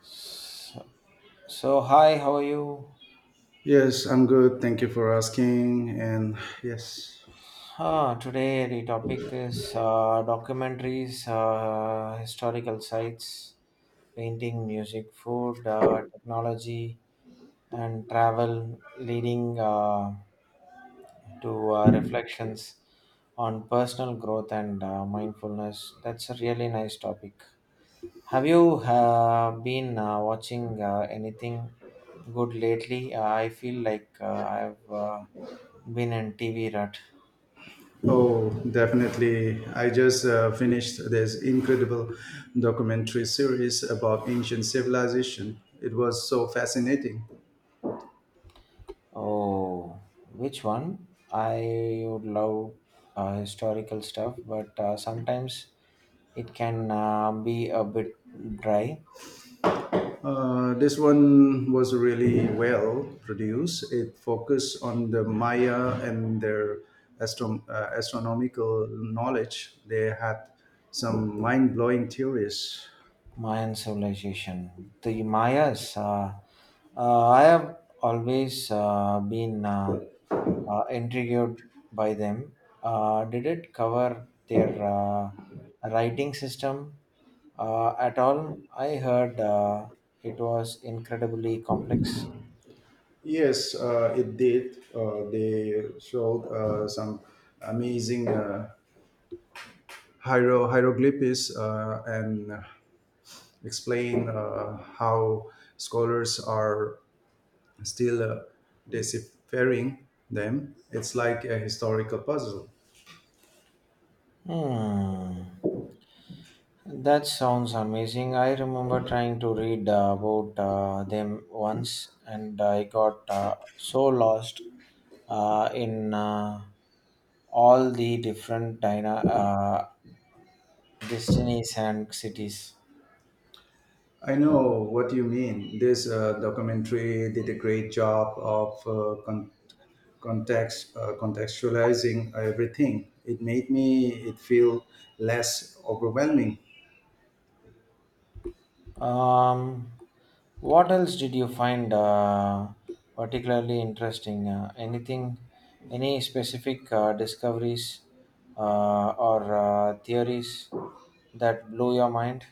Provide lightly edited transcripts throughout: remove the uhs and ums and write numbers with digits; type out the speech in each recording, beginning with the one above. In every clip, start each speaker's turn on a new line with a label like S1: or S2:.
S1: So, so hi, how are you?
S2: Yes, I'm good. Thank you for asking. And yes,
S1: Today the topic is documentaries, historical sites, painting, music, food, technology, and travel, leading to reflections on personal growth and mindfulness. That's a really nice topic. Have you been watching anything good lately? I feel like I've Been in TV Rut.
S2: oh, definitely. I just finished this incredible documentary series about ancient civilization. It was so fascinating.
S1: Oh, which one? I would love historical stuff, but sometimes it can be a bit dry.
S2: This one was really well produced. It focused on the Maya and their astronomical knowledge. They had some mind blowing theories.
S1: Mayan civilization. The Mayas. I have always been intrigued by them. Did it cover their writing system at all? I heard it was incredibly complex.
S2: Yes, it did. They showed some amazing hieroglyphs and explain how scholars are still deciphering them. It's like a historical puzzle.
S1: Hmm. That sounds amazing. I remember trying to read about them once and I got so lost in all the different destinies and cities.
S2: I know what you mean. This documentary did a great job of contextualizing everything. It made me it feel less overwhelming.
S1: Um, what else did you find particularly interesting? Any specific discoveries or theories that blew your mind?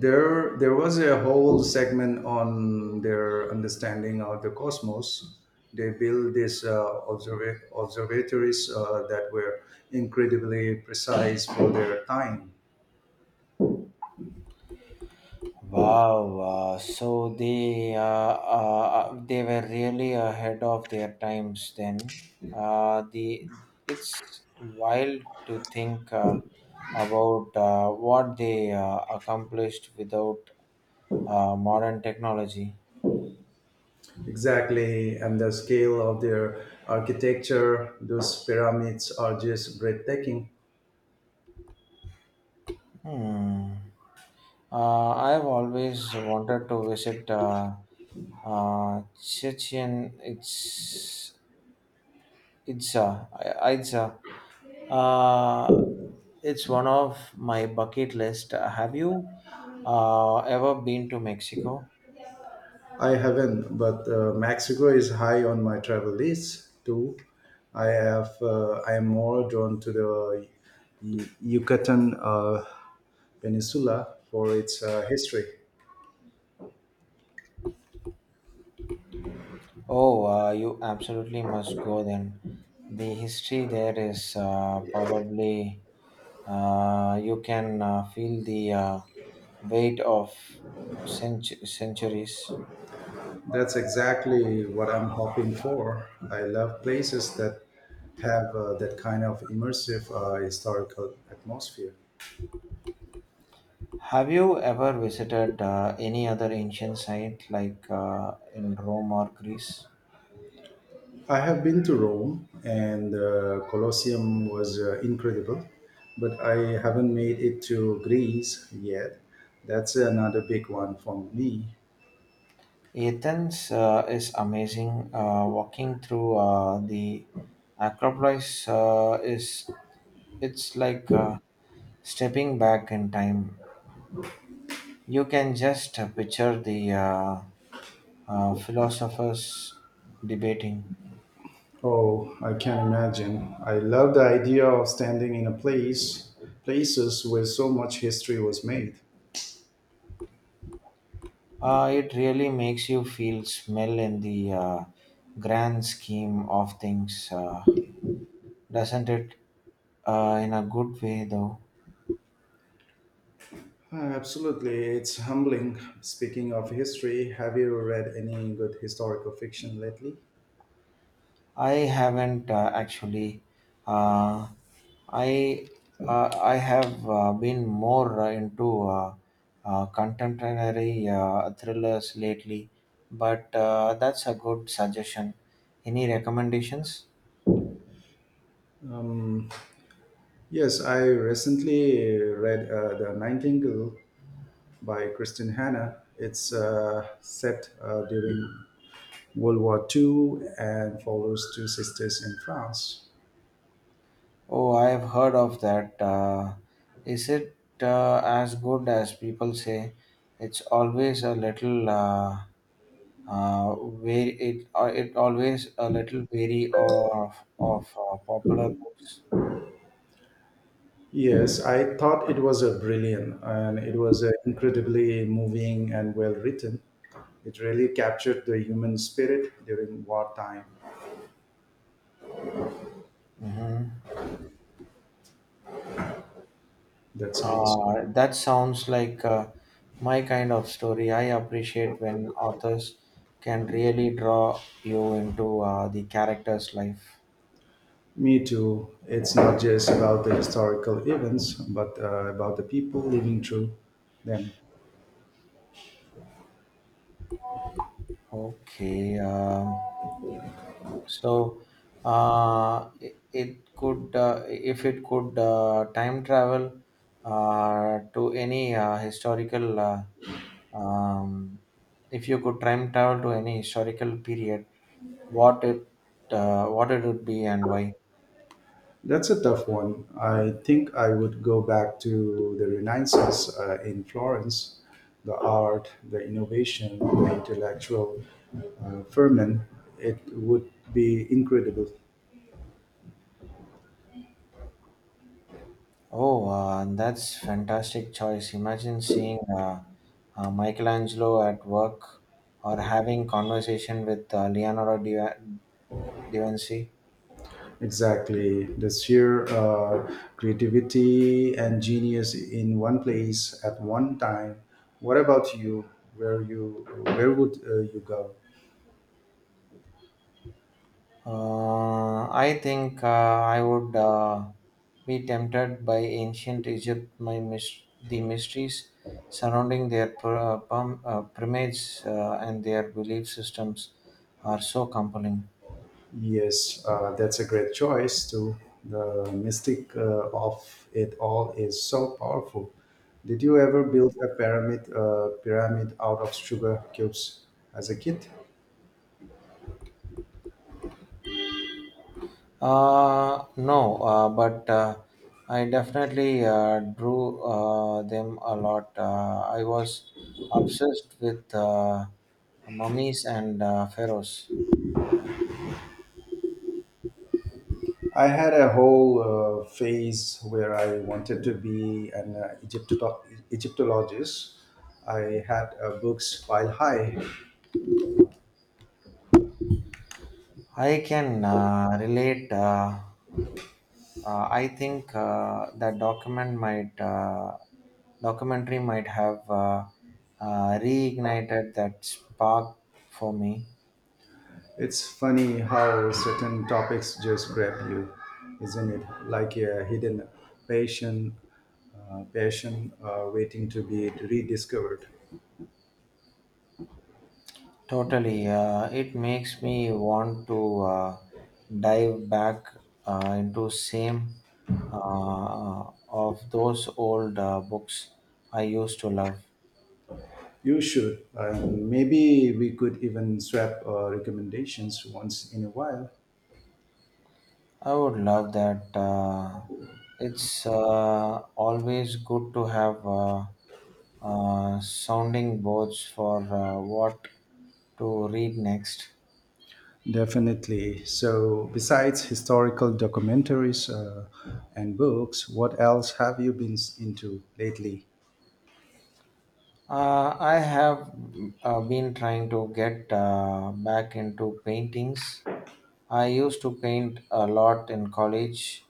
S2: There was a whole segment on their understanding of the cosmos. They built these observatories that were incredibly precise for their time.
S1: Wow! So they were really ahead of their times then. The it's wild to think about what they accomplished without modern technology.
S2: Exactly, and the scale of their architecture, those pyramids are just breathtaking.
S1: Hmm. I have always wanted to visit Chichen Itza. Uh, uh, it's one of my bucket list. Have you ever been to Mexico?
S2: I haven't, but Mexico is high on my travel list too. I have. I am more drawn to the Yucatan Peninsula for its history.
S1: Oh, you absolutely must go then. The history there is probably you can feel the weight of centuries.
S2: That's exactly what I'm hoping for. I love places that have that kind of immersive historical atmosphere.
S1: Have you ever visited any other ancient site like in Rome or Greece?
S2: I have been to Rome, and the Colosseum was incredible, but I haven't made it to Greece yet. That's another big one for me.
S1: Athens is amazing. Walking through the Acropolis is it's like stepping back in time. You can just picture the philosophers debating.
S2: Oh, I can imagine. I love the idea of standing in a place, places where so much history was made.
S1: It really makes you feel smell in the grand scheme of things, doesn't it? In a good way, though.
S2: Ah, absolutely, it's humbling. Speaking of history, have you read any good historical fiction lately?
S1: I haven't actually. Uh, I I have been more into contemporary thrillers lately, but that's a good suggestion. Any recommendations?
S2: Um, yes, I recently read The Nightingale by Christian Hanna. It's set during World War II and follows two sisters in France.
S1: Oh, I have heard of that. Is it as good as people say? It's always a little wary. It always a little wary of of popular books.
S2: Yes, I thought it was a brilliant and it was incredibly moving and well written. It really captured the human spirit during wartime.
S1: Hmm.
S2: That sounds
S1: That sounds like my kind of story. I appreciate when authors can really draw you into the character's life.
S2: me too. It's not just about the historical events, but about the people living through them.
S1: Okay. So, it, it could, if it could, time travel to any historical, um, if you could time travel to any historical period, what it, what it would be and why?
S2: That's a tough one. I think I would go back to the Renaissance in Florence, the art, the innovation, the intellectual ferment. It would be incredible.
S1: Oh, that's fantastic choice. Imagine seeing Michelangelo at work or having conversation with Leonardo da Vinci.
S2: Exactly. The sheer creativity and genius in one place at one time. What about you? Where you? Where would you go?
S1: I think I would be tempted by ancient Egypt, the mysteries surrounding their pyramids and their belief systems are so compelling.
S2: Yes, that's a great choice too. The mystic of it all is so powerful. Did you ever build a pyramid out of sugar cubes as a kid?
S1: No, but I definitely drew them a lot. I was obsessed with mummies and pharaohs.
S2: I had a whole phase where I wanted to be an Egyptologist. I had books pile high.
S1: I can relate. I think that documentary might have reignited that spark for me.
S2: It's funny how certain topics just grab you, isn't it? Like a hidden passion, passion waiting to be rediscovered.
S1: Totally, it makes me want to dive back into same of those old books I used to love.
S2: You should. And maybe we could even swap recommendations once in a while.
S1: I would love that. It's always good to have sounding boards for what to read next.
S2: Definitely. So, besides historical documentaries and books, what else have you been into lately?
S1: I have been trying to get back into paintings. I used to paint a lot in college,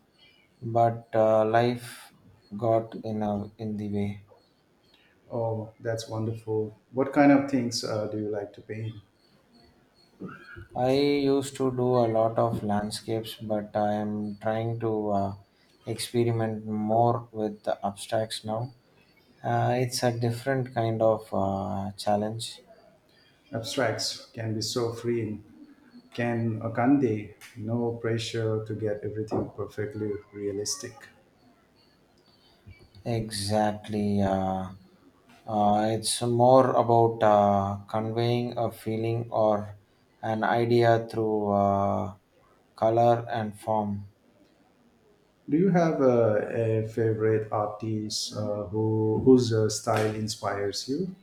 S1: but life got in, a, in the way.
S2: Oh, that's wonderful. What kind of things do you like to paint?
S1: I used to do a lot of landscapes, but I am trying to experiment more with the abstracts now. It's a different kind of challenge.
S2: Abstracts can be so freeing. Can Akande, no pressure to get everything perfectly realistic.
S1: Exactly. It's more about conveying a feeling or an idea through color and form.
S2: Do you have a favorite artist whose style inspires you?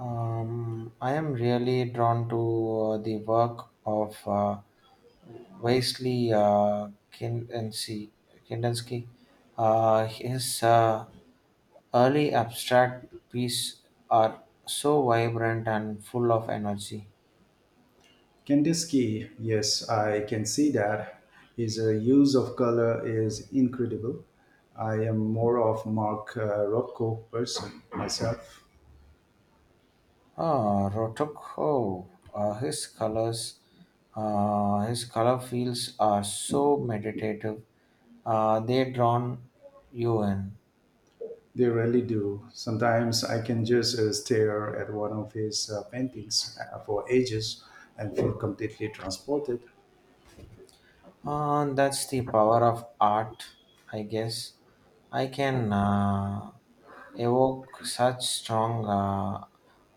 S1: I am really drawn to the work of. Wesley Kandinsky. Kandinsky. His early abstract pieces are so vibrant and full of energy.
S2: Kandinsky, yes, I can see that. His use of color is incredible. I am more of Mark Rothko person myself.
S1: Ah, Rotoko. Uh, his colors, his color fields are so meditative. They drawn you in.
S2: They really do. Sometimes I can just stare at one of his paintings for ages and feel completely transported.
S1: That's the power of art, I guess. I can evoke such strong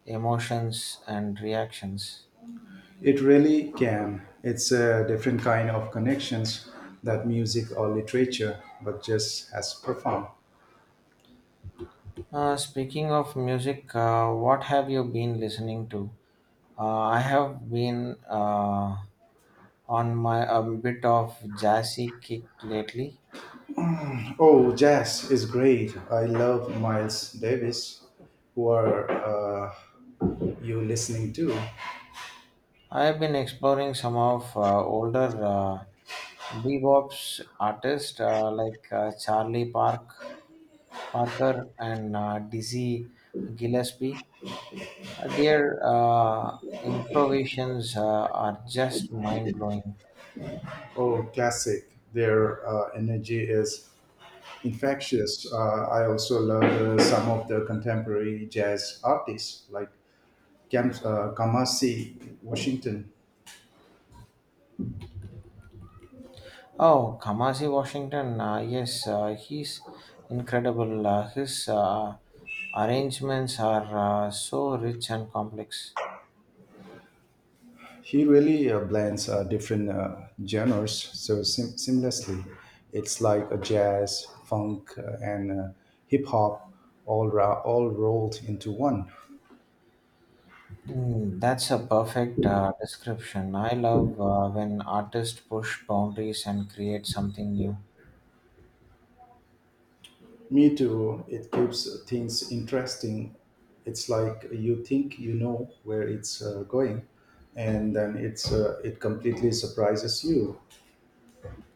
S1: emotions and reactions.
S2: It really can. It's a different kind of connections that music or literature, but just as profound.
S1: Speaking of music, what have you been listening to? I have been on my a bit of jazzy kick lately.
S2: Oh, jazz is great. I love Miles Davis. Who are you listening to?
S1: I have been exploring some of older bebop's artists like Charlie Park Parker and Dizzy Gillespie. Their improvisations are just mind blowing.
S2: Oh, classic. Their energy is infectious. I also love some of the contemporary jazz artists like Kamasi Washington.
S1: Oh, Kamasi Washington, yes, he's incredible. His arrangements are so rich and complex.
S2: He really blends different genres so seamlessly. It's like a jazz, funk, and hip hop all rolled into one.
S1: Hmm, that's a perfect description. I love when artists push boundaries and create something new.
S2: Me too. It keeps things interesting. It's like you think you know where it's going, and then it completely surprises you.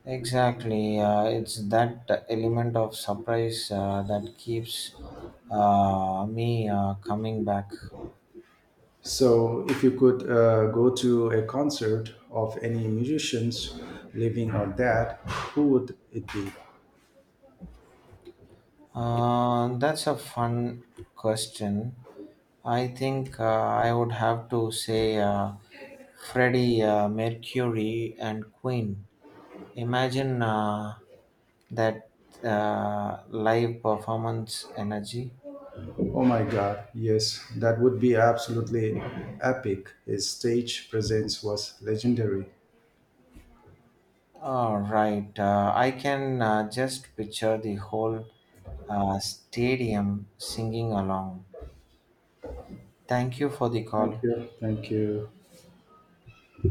S1: Exactly, it's that element of surprise that keeps me coming back.
S2: So, if you could go to a concert of any musicians, living or dead, who would it be?
S1: That's a fun question. I think I would have to say Freddie Mercury and Queen. Imagine that live performance energy.
S2: Oh my God! Yes, that would be absolutely epic. His stage presence was legendary.
S1: All right, I can just picture the whole stadium singing along. Thank you for the
S2: Thank
S1: call.
S2: you. Thank you.